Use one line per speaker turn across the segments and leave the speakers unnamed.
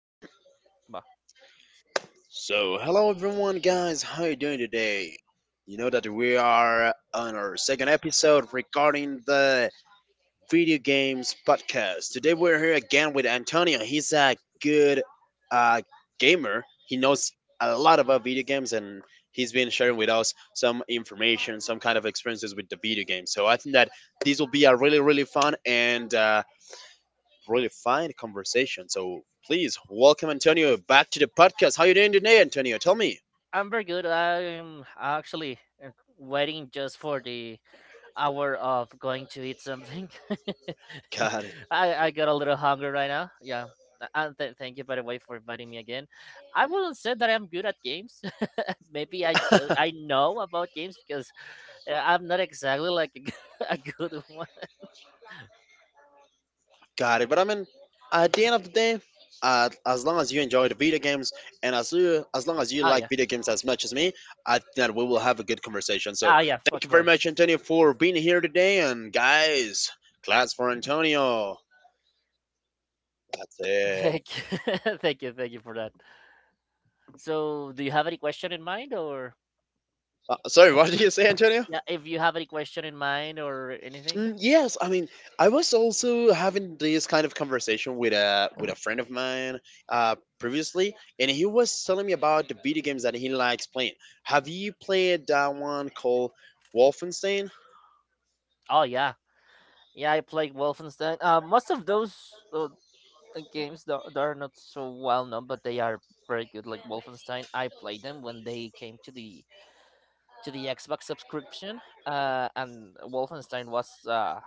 hmm
Va.
So, hello everyone, guys. How you doing today? You know that we are on our second episode regarding the video games podcast. Today we're here again with Antonio. He's a good uh, gamer. He knows a lot about video games, and he's been sharing with us some information, some kind of experiences with the video games. So I think that this will be a really, really fun and really fine conversation. So please welcome Antonio back to the podcast. How you doing today, Antonio? Tell me.
I'm very good. I'm actually waiting just for the hour of going to eat something.
Got
I got a little hungry right now. Yeah. Thank you, by the way, for inviting me again. I wouldn't say that I'm good at games.
it.
I know about games because I'm not exactly like a good one.
Got it. But I mean, at the end of the day, as long as you enjoy the video games and as long as you
Oh,
like
yeah.
video games as much as me, I think that we will have a good conversation. So
Oh yeah, of
thank you very
course.
much, Antonio, for being here today. And guys, class for Antonio. That's it.
Thank you. Thank you. Thank you for that. So, do you have any question in mind, or
Sorry, what did you say, Antonio?
yeah, if you have any question in mind or anything?
Yes, I mean, I was also having this kind of conversation with a friend of mine previously, and he was telling me about the video games that he likes playing. Have you played that one called Wolfenstein?
Oh yeah, yeah, I play Wolfenstein. Most of those games that are not so well known, but they are very good. Like Wolfenstein, I played them when they came to the Xbox subscription. And Wolfenstein was uh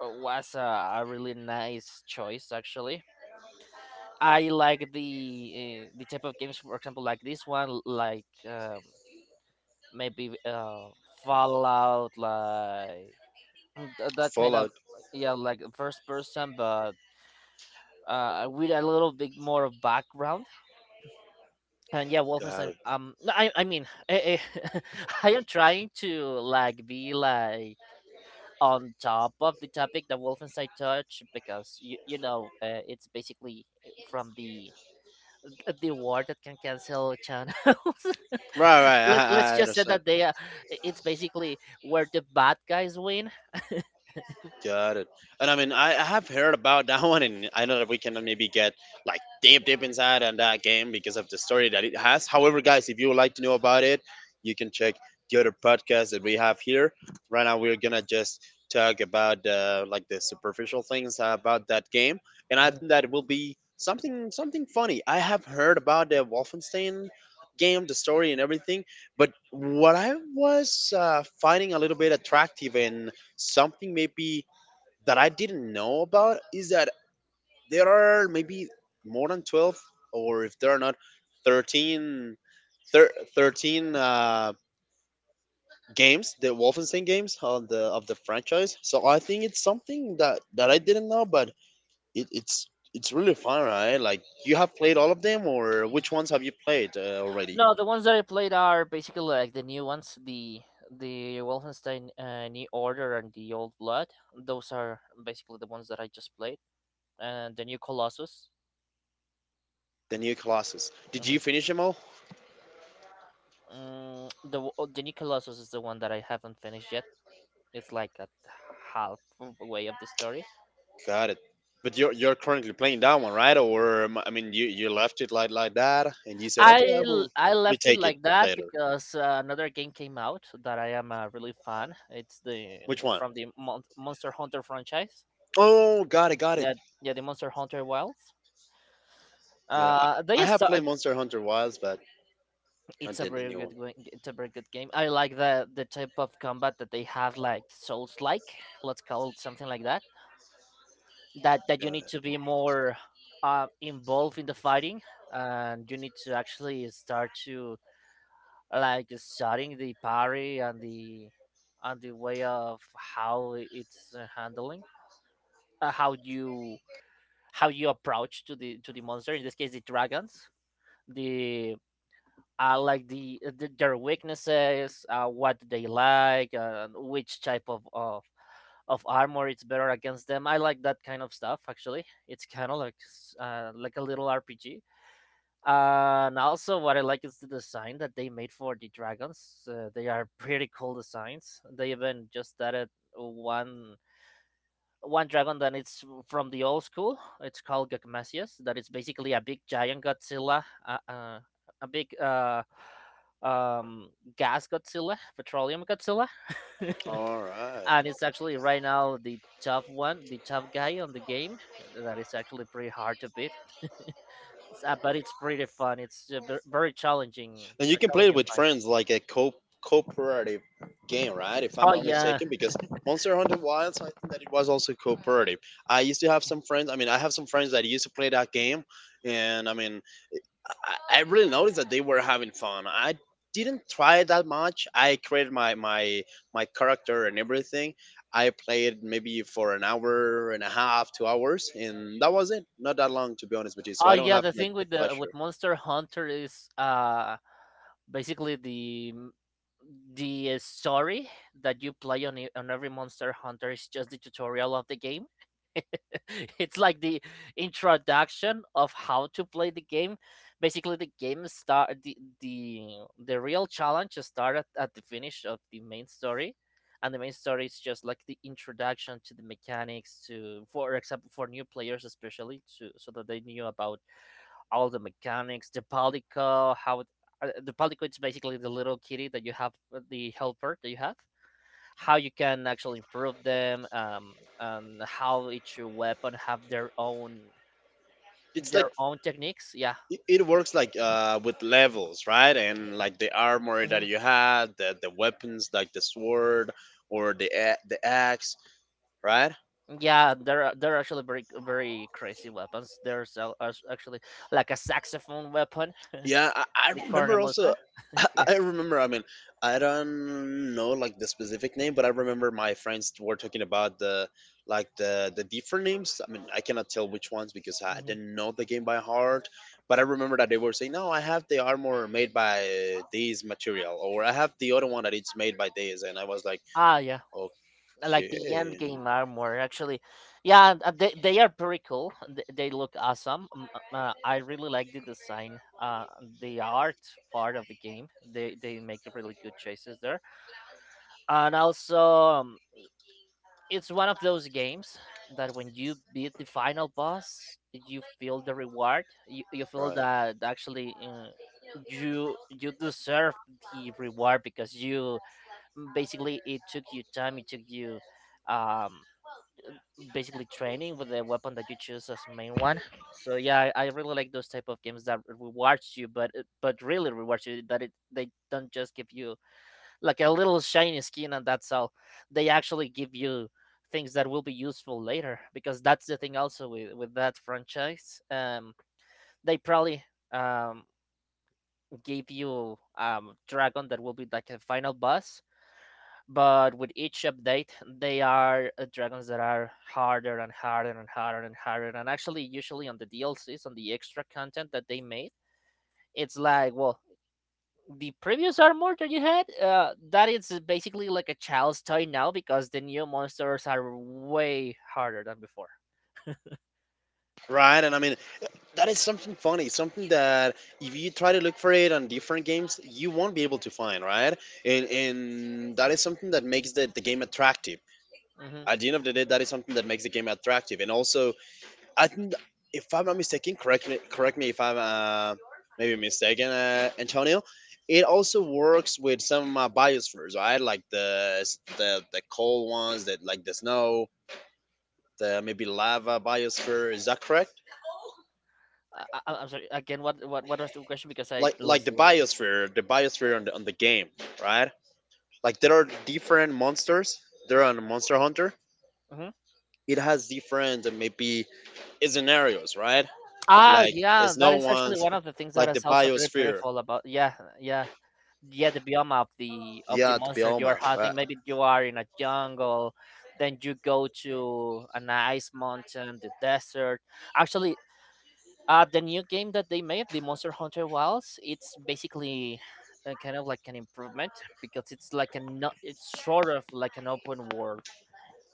w- was a really nice choice actually. I like the type of games, for example, like this one, like maybe Fallout, like that kind of,
Fallout?
yeah, like first person, but with a little bit more of background. And yeah,
Got
Wolfenstein.
it.
No, I mean, eh, I am trying to like be like on top of the topic that Wolfenstein touch because it's basically from the award that can cancel channels.
Right, right. I,
Let's
I I
just say
understand.
that it's basically where the bad guys win.
Got it. And I mean, I have heard about that one, and I know that we can maybe get like deep, deep inside on that game because of the story that it has. However, guys, if you would like to know about it, you can check the other podcast that we have here. Right now, we're gonna just talk about like the superficial things about that game, and I
Mm-hmm.
think that will be something funny. I have heard about the Wolfenstein game, the story, and everything, but what I was finding a little bit attractive and something maybe that I didn't know about is that there are maybe more than 12, or if there are not, 13, 13 games, the Wolfenstein games of the franchise. So I think it's something that I didn't know, but it's really fun, right? Like you have played all of them, or which ones have you played already?
No, the ones that I played are basically like the new ones, the Wolfenstein New Order and the Old Blood. Those are basically the ones that I just played, and the new Colossus.
The new Colossus. Did
hmm
you finish them all?
Oh, the new Colossus is the one that I haven't finished yet. It's like at halfway of the story.
Got it. But you're currently playing that one, right? Or I mean, you left it like that, and you said, okay, I will
I left it
retake it
like that
later.
because another game came out that I am really fan. It's the
Which one?
from the Monster Hunter franchise.
Oh, got it, got it.
Yeah, yeah, the Monster Hunter Wilds.
Yeah,
They
I
are
have
so
played Monster Hunter Wilds, but not did the new one.
It's a very good game. I like the type of combat that they have, like Souls like, let's call it something like that. That you
Yeah.
need to be more involved in the fighting, and you need to actually start to like studying the parry and the way of how it's handling, uh, how you how you approach to the monster. In this case, the dragons. The Like the the their weaknesses, what do they like, which type of armor it's better against them. I like that kind of stuff. Actually, it's kind of like like a little RPG. And also, what I like is the design that they made for the dragons. They are pretty cool designs. They even just added one one dragon that it's from the old school. It's called Gagmasius. That is basically a big giant Godzilla, a big um, gas Godzilla, petroleum Godzilla,
All right.
and it's actually right now the tough one, the tough guy on the game. That is actually pretty hard to beat. But it's pretty fun. It's very challenging,
And
a
you can play it
challenging
with
fight.
friends, like a co cooperative game, right? If I'm
Oh
not
yeah,
mistaken, because Monster Hunter Wilds, I think that it was also cooperative. I used to have some friends. I mean, I have some friends that used to play that game, and I mean, I really noticed that they were having fun. I didn't try it that much. I created my character and everything. I played maybe for an hour and a half, 2 hours, and that was it. Not that long, to be honest with you. So
oh
I don't
yeah.
have
The
like
thing
the
with the
pleasure.
with Monster Hunter is basically the story that you play on every Monster Hunter is just the tutorial of the game. It's like the introduction of how to play the game. Basically, the real challenge start at the finish of the main story, and the main story is just like the introduction to the mechanics to, for example, for new players especially to so that they knew about all the mechanics, the palico, how it, the palico is basically the little kitty that you have, the helper that you have, how you can actually improve them, and how each weapon have
It's like
their own techniques. Yeah.
it it works like with levels, right? And like the armor that
hmm
you had, the weapons like the sword or the axe, right?
Yeah, they're actually very crazy weapons. There's actually like a saxophone weapon,
Yeah, I
the
remember also.
cornamusa. Yeah.
I remember. I mean, I don't know like the specific name, but I remember my friends were talking about the like the different names. I mean, I cannot tell which ones because I
hmm
didn't know the game by heart. But I remember that they were saying, "No, I have the armor made by this material, or I have the other one that it's made by this." And I was like,
Ah, yeah. Like the end
"Okay,
game armor actually, yeah, they are pretty cool, they look awesome. I really like the design, the art part of the game. They make really good choices there. And also, it's one of those games that when you beat the final boss you feel the reward. You feel
right,
that actually, you, you deserve the reward because you basically, it took you time, it took you um basically training with the weapon that you choose as main one. So yeah, I really like those type of games that rewards you, but it- but really rewards you, that it they don't just give you like a little shiny skin and that's all. They actually give you things that will be useful later because that's the thing also with that franchise. They probably um gave you dragon that will be like a final boss, but with each update they are, dragons that are harder and harder and actually usually on the dlcs on the extra content that they made it's like, well, the previous armor that you had, that is basically like a child's toy now because the new monsters are way harder than before.
right." And I mean, that is something funny, something that if you try to look for it on different games, you won't be able to find, right? And that is something that makes the game attractive.
Mm-hmm.
At the end of the day, that is something that makes the game attractive. And also, I think, if I'm not mistaken, correct me if I'm maybe mistaken, Antonio. It also works with some biospheres, right? Like the cold ones, that like the snow, the maybe lava biosphere. Is that correct?
I'm sorry, again, what was the question, because I
Like
lost a little bit.
the biosphere on the game, right? Like there are different monsters. There on Monster Hunter,
Mhm.
it has different maybe scenarios, right?
Ah,
Like
yeah, that
snow
is actually
ones,
one of the things that
like the
is also very
biosphere.
beautiful about, yeah, yeah. Yeah, the biome of the
Yeah, the
monster you are
bioma.
hunting.
Right.
Maybe you are in a jungle, then you go to an ice mountain, the desert. Actually, the new game that they made, the Monster Hunter Wilds, it's basically, kind of like an improvement because it's like a no- it's sort of like an open world.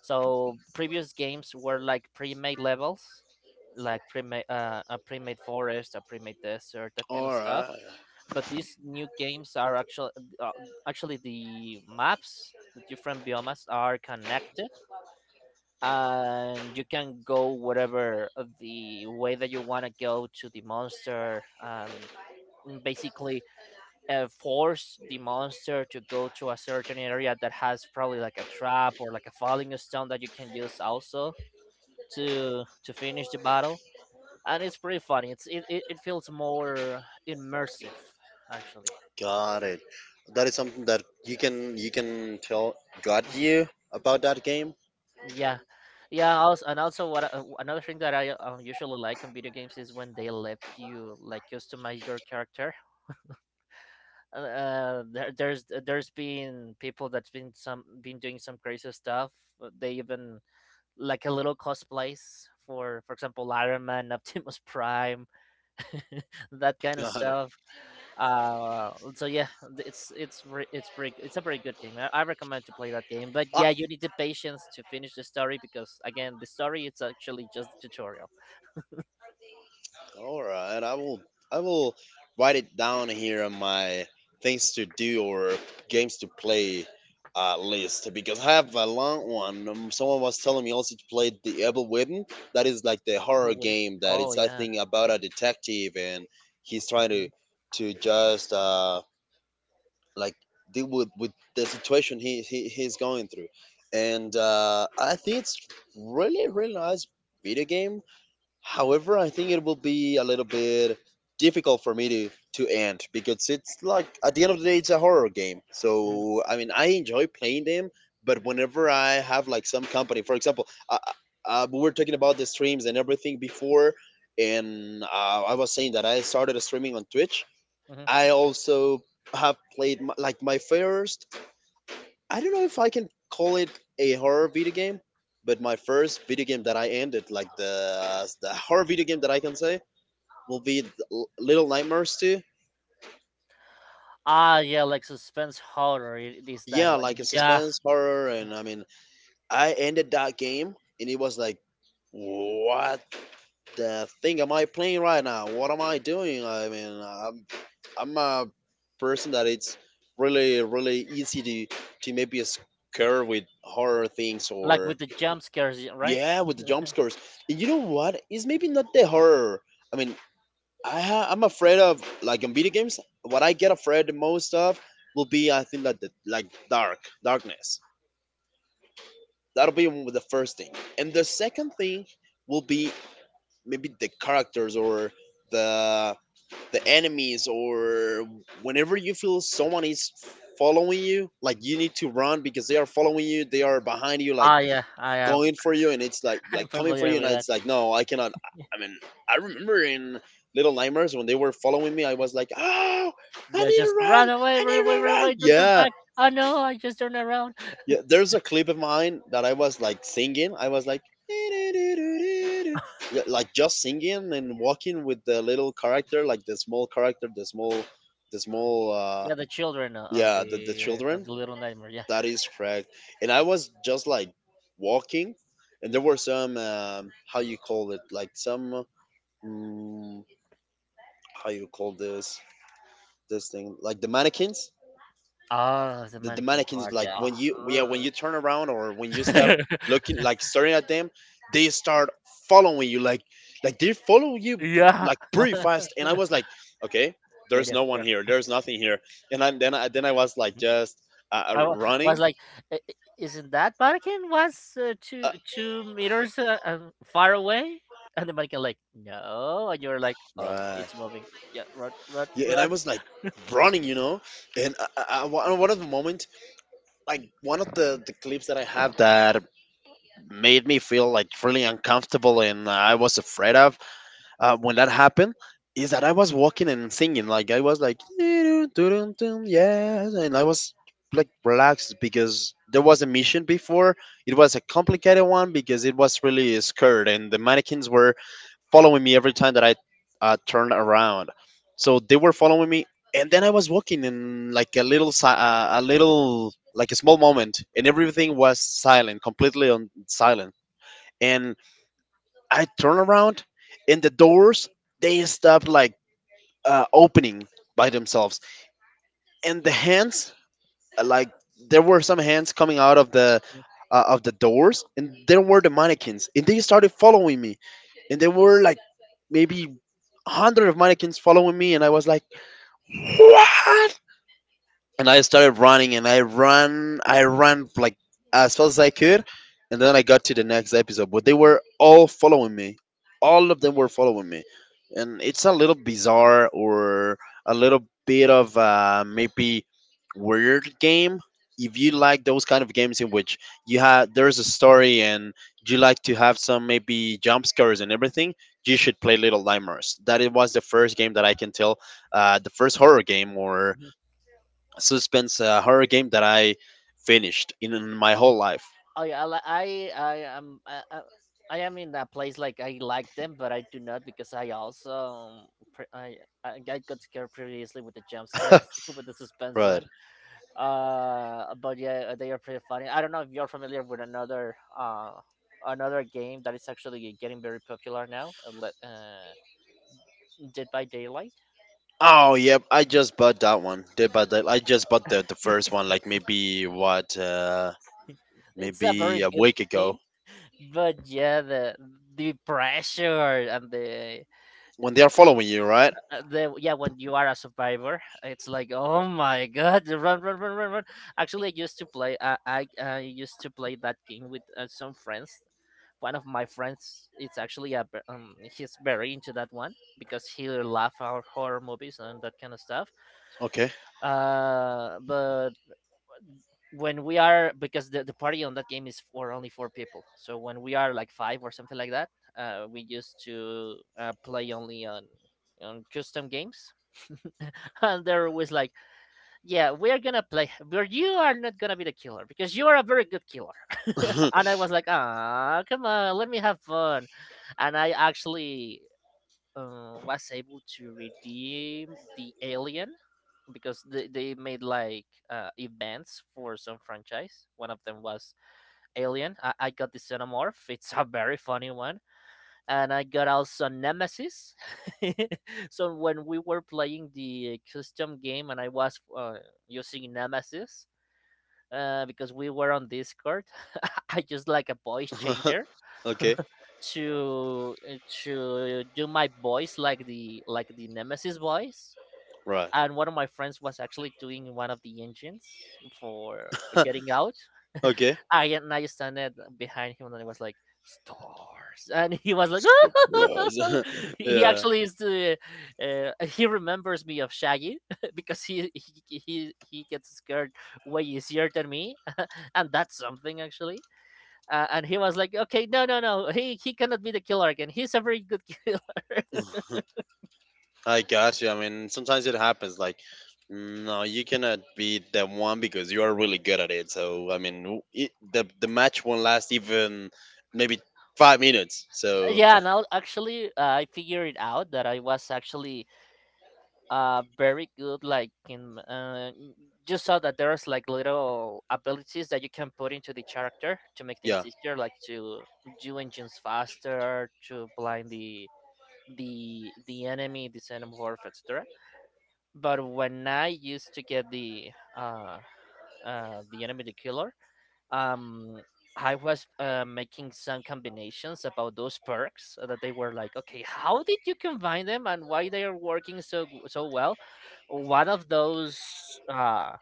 So previous games were like pre-made levels, like pre-made forest, a pre-made desert, that kind of
All
stuff.
right.
But these new games are actually, uh, actually the maps, the different biomas are connected, and you can go whatever, the way that you want to go to the monster, and basically, force the monster to go to a certain area that has probably like a trap or like a falling stone that you can use also to finish the battle. And it's pretty funny, it feels more immersive, actually.
Got it. That is something that you can tell got
Mhm.
you about that game.
Yeah, yeah, also, and also what I- another thing that I usually like in video games is when they let you like customize your character. There's been people that's been some been doing some crazy stuff. They even like a little cosplays for example, iron man, optimus prime that kind of
Got it.
stuff. So yeah, it's re- it's pretty it's a very good game. I recommend to play that game. But
I,
yeah, you need the patience to finish the story because again, the story it's actually just the tutorial.
All right, I will write it down here on my things to do or games to play list because I have a long one. Someone was telling me also to play the Evil Within. That is like the horror
People wouldn't.
game that
Oh
it's I
yeah.
think about a detective and he's trying
Mhm,
to just like deal with the situation he's going through. And I think it's really really nice video game. However, I think it will be a little bit difficult for me to end because it's like at the end of the day, it's a horror game.
mhm,
So I mean, I enjoy playing them, but whenever I have like some company, for example, we were talking about the streams and everything before, and I was saying that I started streaming on Twitch.
mhm.
I also have played my, like my first I don't know if I can call it a horror video game, but my first video game that I ended, like the horror video game that I can say, will be Little Nightmares 2.
Ah yeah, like suspense horror it is that
Yeah,
one.
like a
Yeah,
suspense horror, and I mean, I ended that game, and it was like, what the thing am I playing right now? What am I doing? I mean, I'm a person that it's really really easy to maybe scare with horror things
like
or.
with the jump scares, y- right?
Yeah, with the jump scares. And you know what? It's maybe not the horror. I mean, I'm afraid of like in video games. What I get afraid the most of will be I think like the like dark darkness. That'll be the first thing, and the second thing will be maybe the characters or the the enemies or whenever you feel someone is following you, like you need to run because they are following you. They are behind you. Like
Ah yeah, I am.
going for you and it's
I'm
like coming for
familiar
you and
with that.
it's like no I cannot.
Yeah,
I mean I remember in Little Nightmares when they were following me I was like oh I
yeah,
need to
just run
run
away,
I
run
need
away,
to
run away!
run
Don't turn
yeah
back. Oh no, I just turned around.
yeah there's a clip of mine that I was like singing I was like yeah, like just singing and walking with the little character like the small character the small
Yeah, the children on
yeah the
the on
children
the Little Nightmare.
that is correct and I was just like walking, and there were some how you call it like some mm, how you call this this thing like the mannequins.
Oh, the
The
mannequin
mannequins
part,
like
yeah.
when
Ah,
you yeah when
ugh.
you turn around or when you stop looking like staring at them, they start following you like they follow you
Yeah.
like pretty fast. And I was like, okay,
No,
there's
no,
no one
run.
here, there's nothing here. And I, then I then I was like
Mm.
just
I wa was
running.
like, "I isn't that mannequin was,
Uh,
2 meters, far away?" And the mannequin like, "No," and you're like, "Oh,
Right.
it's moving. Yeah, run, run,
Yeah, and I
run."
was like running, you know, and one of the moment like one of the clips that I have that made me feel like really uncomfortable and I was afraid of when that happened is that I was walking and singing like I was like "Doo doo doo doo, yes and I was like relaxed because there
Mhm,
was a mission before it was a complicated one because it was really scared and the mannequins were following me every time that I turned around so they were following me and then I was walking in like a little a little like a small moment, and everything was silent, completely on silent. And I turn around, and the doors they stopped like opening by themselves, and the hands like there were some hands coming out of the doors, and there were the mannequins, and they started following me, and there were like maybe 100 of mannequins following me, and I was like, what? And I started running and I ran like as fast as I could, and then I got to the next episode, but they were all following me. All of them were following me. And it's a little bizarre, or a little bit of maybe weird game. If you like those kind of games in which you have there's a story and you like to have some maybe jump scares and everything, you should play Little Nightmares. That it was the first game that I can tell, the first horror game or
mhm.
suspense horror game that I finished in my whole life.
I I li- I I am I, I I am in that place like I like them, but I do not because I also, pre- I I got scared previously with the jump scares with the suspense
Right.
one. But yeah, they are pretty funny. I don't know if you're familiar with another, another game that is actually getting very popular now. Dead by Daylight.
Oh yep, I just bought that one. They bought that. I just bought the first one like maybe what
It's a
maybe
very
a
good
week ago.
game, but yeah, the pressure and the
When they are following you, right?
yeah, when you are a survivor it's like oh my god, run, run, run, run, run. Actually, I used to play I used to play that game with some friends. One of my friends, it's actually a he's very into that one because he love our horror movies and that kind of stuff.
Okay.
But when we are, because the party on that game is for only four people, so when we are like five or something like that, we used to play only on custom games. And they're always like, yeah, we're gonna play, but you are not gonna be the killer because you are a very good killer. And I was like, ah, come on, let me have fun. And I actually, was able to redeem the Alien, because they made like events for some franchise. One of them was Alien. I got the Xenomorph. It's a very funny one. And I got also Nemesis. So when we were playing the custom game and I was using Nemesis, because we were on Discord, I just like a voice changer
Okay.
to do my voice like the Nemesis voice.
Right.
And one of my friends was actually doing one of the engines for getting out.
Okay.
I and I stand at behind him and I was like, stars, and he was like,
Surprise.
he
Yeah.
actually is the he remembers me of Shaggy because he gets scared way easier than me, and that's something actually. And he was like, okay, no, no, no, he cannot be the killer again. He's a very good killer.
I got you. I mean, sometimes it happens. Like, no, you cannot beat that one because you are really good at it. So, I mean, the match won't last even maybe 5 minutes. So,
Yeah, and now actually I figured out that I was actually very good like in you saw that there's like little abilities that you can put into the character to make
yeah.
things easier, like to do engines faster, to blind the enemy, the enemy warf, etc. But when I used to get the uh enemy the killer, um I was making some combinations about those perks that they were like, okay, how did you combine them and why they are working so so well? One of those uh,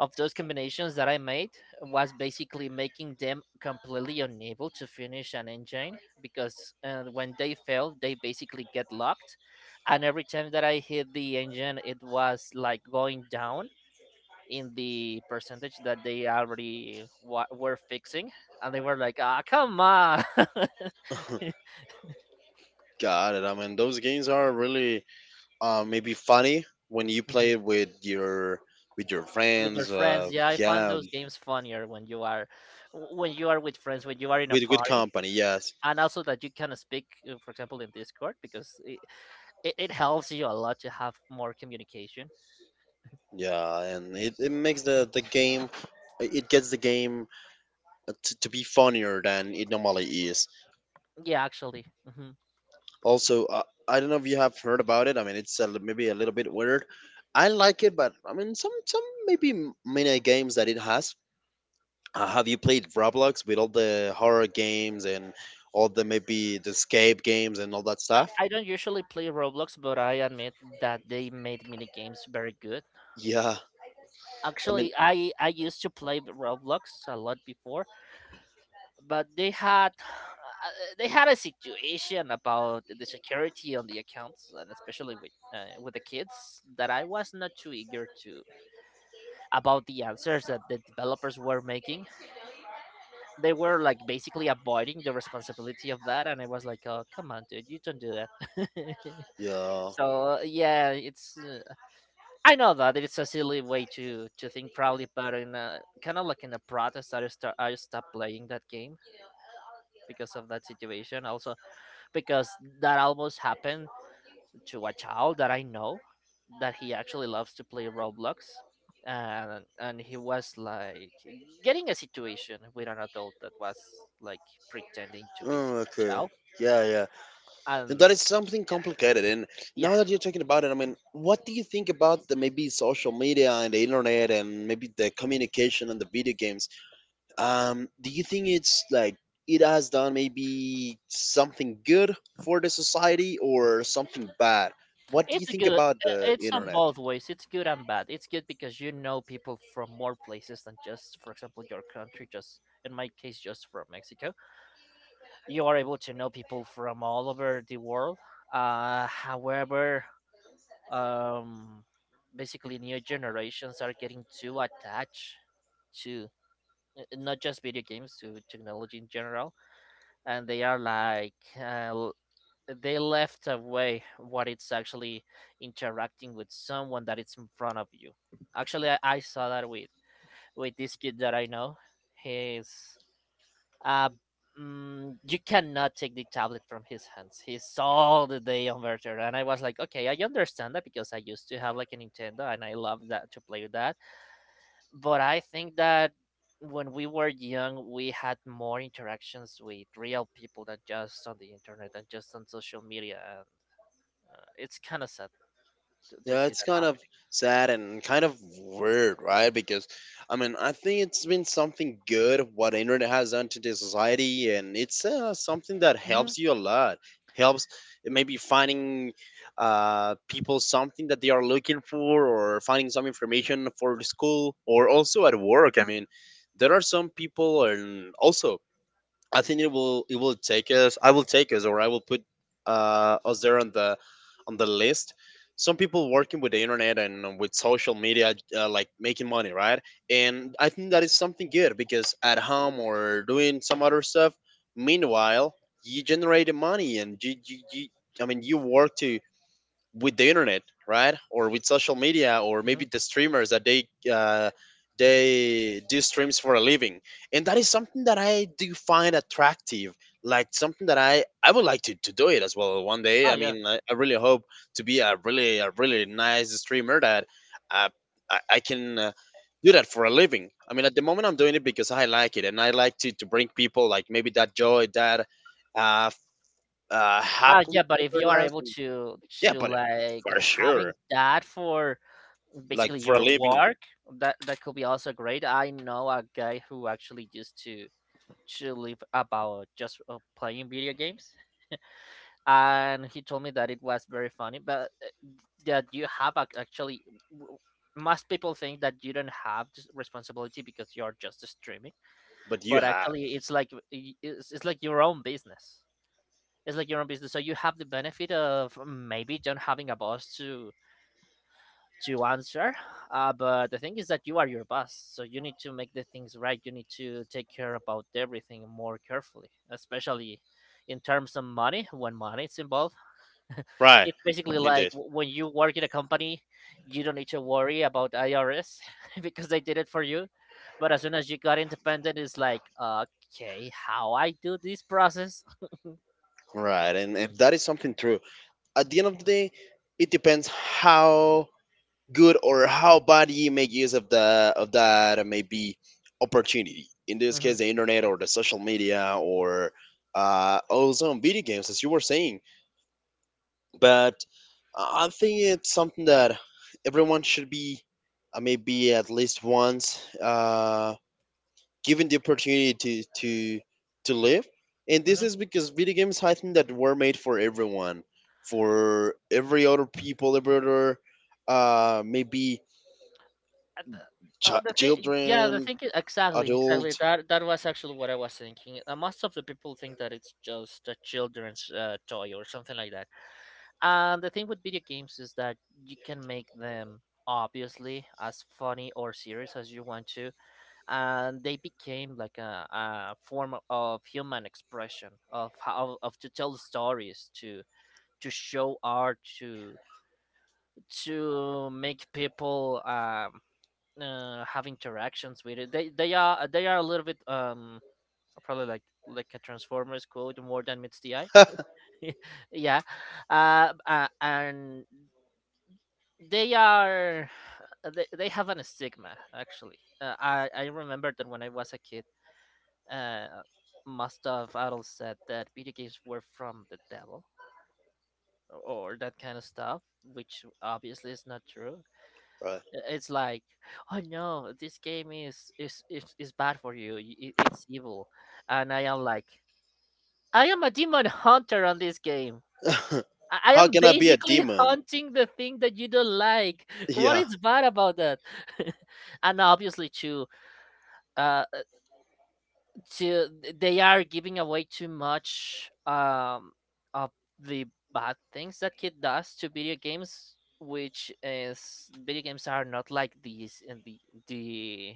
of those combinations that I made was basically making them completely unable to finish an engine, because when they fail, they basically get locked, and every time that I hit the engine, it was like going down in the percentage that they already were fixing, and they were like, "Ah, come on."
Got it. I mean, those games are really maybe funny when you play
Mhm.
it with your
With your
friends.
friends, yeah, I find
Yeah,
those games funnier when you are with friends, when you are in a
with good
party.
company. Yes,
And also that you can speak for example in Discord, because it helps you a lot to have more communication.
yeah, and it makes the game. It gets the game to be funnier than it normally is.
Yeah, actually. Hmm.
Also, I don't know if you have heard about it. I mean, it's a, maybe a little bit weird. I like it, but I mean, some maybe mini games that it has. Have you played Roblox with all the horror games and all the maybe the escape games and all that stuff?
I don't usually play Roblox, but I admit that they made mini games very good.
Yeah, I mean,
Actually, I used to play Roblox a lot before, but they had a situation about the security on the accounts, and especially with the kids, that I was not too eager to about the answers that the developers were making. They were like basically avoiding the responsibility of that, and I was like, "Oh, come on, dude, you don't do that."
yeah. Oh,
So yeah, it's I know that it's a silly way to think probably, but in a, kind of like in a protest, I stopped playing that game because of that situation. Also, because that almost happened to a child that I know, that he actually loves to play Roblox. And he was like getting a situation with an adult that was like pretending to be a
okay.
child.
Yeah, yeah. And
And
that is something
yeah,
complicated. And
yeah,
now that you're talking about it, I mean, what do you think about the maybe social media and the internet and maybe the communication and the video games? Do you think it's like it has done maybe something good for the society or something bad? What do you
it's a
think
good.
about the
It's on
internet?
both ways. It's good and bad. It's good because you know people from more places than just, for example, your country. Just in my case, just from Mexico, you are able to know people from all over the world. However, um basically new generations are getting too attached to not just video games, to technology in general, and they are like they left away what it's actually interacting with someone that it's in front of you. Actually I saw that with this kid that I know. He's uh, you cannot take the tablet from his hands. He saw the day on Virtual, and I was like, okay, I understand that because I used to have like a Nintendo, and I love that to play with that. But I think that when we were young, we had more interactions with real people than just on the internet and just on social media, and it's kind of sad to
Yeah,
see
it's
that
kind of
happening.
sad and kind of weird, right? Because I mean, I think it's been something good what internet has done to the society, and it's something that
Hmm.
helps you a lot. Helps maybe finding people something that they are looking for, or finding some information for the school, or also at work. I mean, there are some people, and also I think it will take us. I will take us, or I will put us there on the list. Some people working with the internet and with social media, like making money, right? And I think that is something good because at home or doing some other stuff. Meanwhile, you generate the money, and you I mean, you work to with the internet, right? Or with social media, or maybe
Hmm.
the streamers that they do streams for a living, and that is something that I do find attractive. Like something that I would like to do it as well one day.
Oh
I
yeah,
mean, I really hope to be a really nice streamer that uh, I can. Do that for a living. I mean, at the moment, I'm doing it because I like it, and I like to bring people like maybe that joy, that uh, f-
ah
happily
yeah. But
in
if
their
you are
lives.
able
Yeah,
to
but
like
for
having
sure,
that for
like
basically
for a
your
living,
work, that that could be also great. I know a guy who actually used to live about just playing video games, and he told me that it was very funny, but that you have actually w- most people think that you don't have this responsibility because you're just streaming,
but you
but
have.
actually it's like it's like your own business. It's like your own business, so you have the benefit of maybe don't having a boss to answer. But the thing is that you are your boss, so you need to make the things right. You need to take care about everything more carefully, especially in terms of money. When money is involved,
Right,
it's basically like
indeed.
when you work in a company, you don't need to worry about IRS. Because they did it for you. But as soon as you got independent, it's like, okay, how I do this process?
Right, and that is something true. At the end of the day, it depends how good or how bad you make use of the of that maybe opportunity. In this
Mhm,
case, the internet or the social media or also on video games, as you were saying. But I think it's something that everyone should be maybe at least once. Given the opportunity to live. And this
mhm.
is because video games, I think that were made for everyone, for every other people, every other maybe
And the uh, the thing, yeah, the
children,
thing is exactly,
adult.
exactly. That that was actually what I was thinking. Most of the people think that it's just a children's toy or something like that. And the thing with video games is that you can make them obviously as funny or serious as you want to, and they became like a form of human expression, of how of to tell stories, to show art, to make people have interactions with it. They are a little bit probably like a Transformers quote, more than meets the eye.
Right.
Yeah, and they are they have an stigma actually. I remember that when I was a kid, uh, most of adults said that video games were from the devil or that kind of stuff, which obviously is not true. It's like, oh no, this game is bad for you. It's evil, and I am like, I am a demon hunter on this game. I
How
am
can I be a
basically
demon?
hunting the thing that you don't like. What
Yeah,
is bad about that? And obviously, too, uh, uh, to they are giving away too much of the bad things that kid does to video games, which is video games are not like these, and the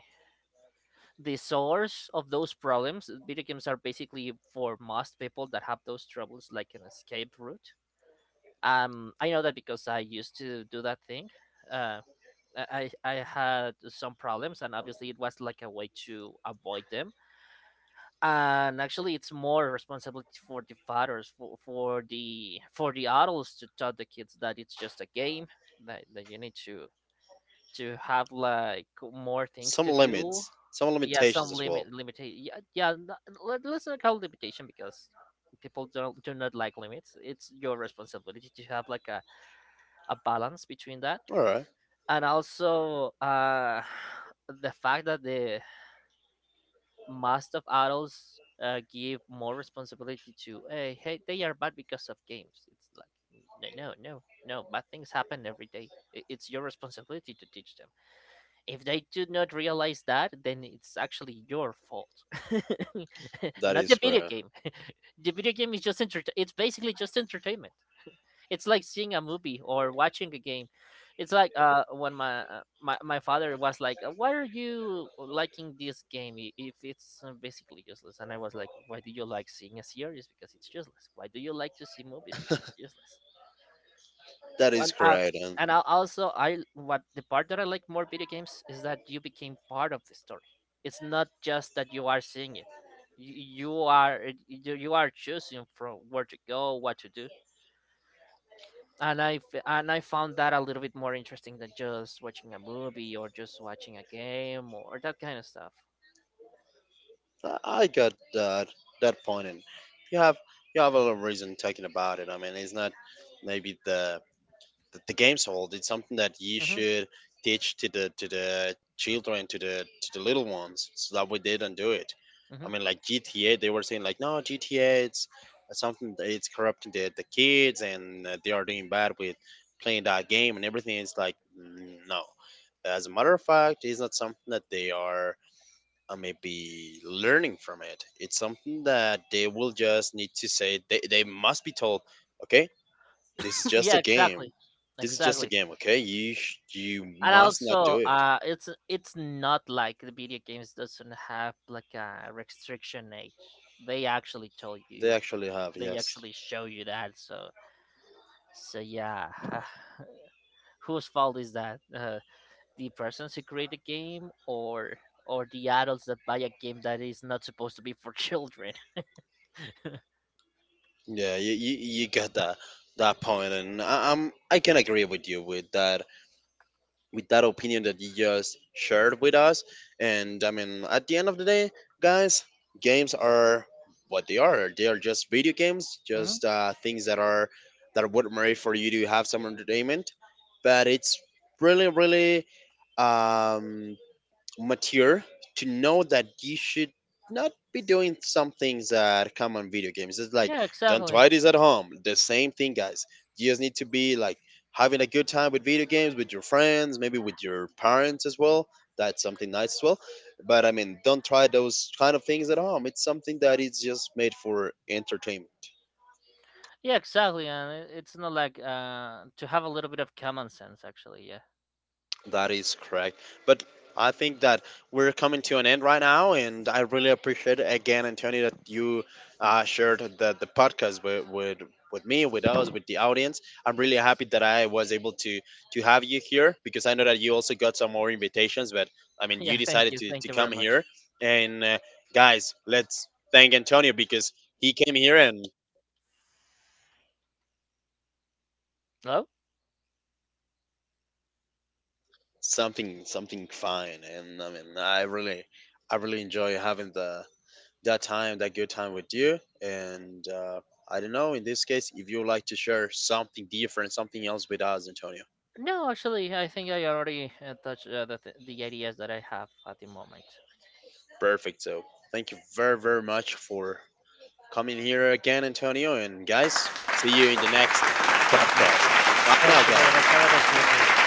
the source of those problems. Uh, video games are basically for most people that have those troubles, like an escape route. Um, I know that because I used to do that thing. Uh i i had some problems, and obviously it was like a way to avoid them. And actually it's more responsibility for the fathers, for the adults, to tell the kids that it's just a game, that you need to have like more things
some
to do.
limits, some
Yeah, some
limitations as well.
limit limitation. Yeah, yeah. Let's not call it limitation because people don't do not like limits. It's your responsibility to have like a balance between that,
All right.
and also the fact that the most of adults give more responsibility to, hey, hey, they are bad because of games. It's like no, no, no, no, bad things happen every day. It's your responsibility to teach them. If they do not realize that, then it's actually your fault,
That
not
is
the video
correct.
game. The video game is just it's basically just entertainment. It's like seeing a movie or watching a game. It's like when my my father was like, "Why are you liking this game if it's basically useless?" And I was like, "Why do you like seeing a series because it's useless? Why do you like to see movies because it's useless?"
That
Well,
is
and
correct. And
and I also I what the part that I like more video games is that you became part of the story. It's not just that you are seeing it. You, you are you are choosing from where to go, what to do. And I found that a little bit more interesting than just watching a movie or just watching a game or that kind of stuff.
I got that that point, and you have you have a lot of reason talking about it. I mean, it's not maybe the the games hold. It's something that you
Hmm.
should teach to the children, to the little ones, so that way they don't do it. I
Hmm.
mean, like GTA, they were saying like, no, GTA, it's something that it's corrupting the kids, and they are doing bad with playing that game and everything. It's like, mm, no. As a matter of fact, it's not something that they are maybe learning from it. It's something that they will just need to say. They must be told, okay, this is just
Yeah,
a
exactly,
game. This is just a
exactly.
game, okay? You
And
must not
also,
do it.
it's not like the video games doesn't have like a restriction age. They actually tell
They
you,
actually have,
they
yes.
actually show you that. So, so yeah, whose fault is that? The persons who create a game, or the adults that buy a game that is not supposed to be for children?
Yeah, you got that that point, and I can agree with you with that opinion that you just shared with us. And I mean, at the end of the day, guys, games are what they are. They are just video games,
Hmm.
just things that are that were made for you to have some entertainment. But it's really, really um, mature to know that you should not be doing some things that come on video games. It's like
Yeah,
don't
exactly.
try this at home. The same thing, guys. You just need to be like having a good time with video games with your friends, maybe with your parents as well. That's something nice as well. But I mean, don't try those kind of things at home. It's something that is just made for entertainment.
Yeah, exactly. And it- it's not like to have a little bit of common sense, actually. Yeah,
That is correct. But I think that we're coming to an end right now, and I really appreciate again, Antonio, that you shared the podcast with me, with us, with the audience. I'm really happy that I was able to have you here because I know that you also got some more invitations, but I mean,
yeah.
you decided
Thank
to
you very
come here.
much.
And guys, let's thank Antonio because he came here and
Hello.
something something fine, and I mean, I really enjoy having the that time, that good time with you. And I don't know, in this case, if you would like to share something different, something else with us, Antonio.
No, actually, I think I already touched the ideas that I have at the moment.
Perfect. So thank you very, very much for coming here again, Antonio. And guys, see you in the next
Thank you.
podcast. Bye
Thank
now,
you very much. Have
guys.
an excellent day.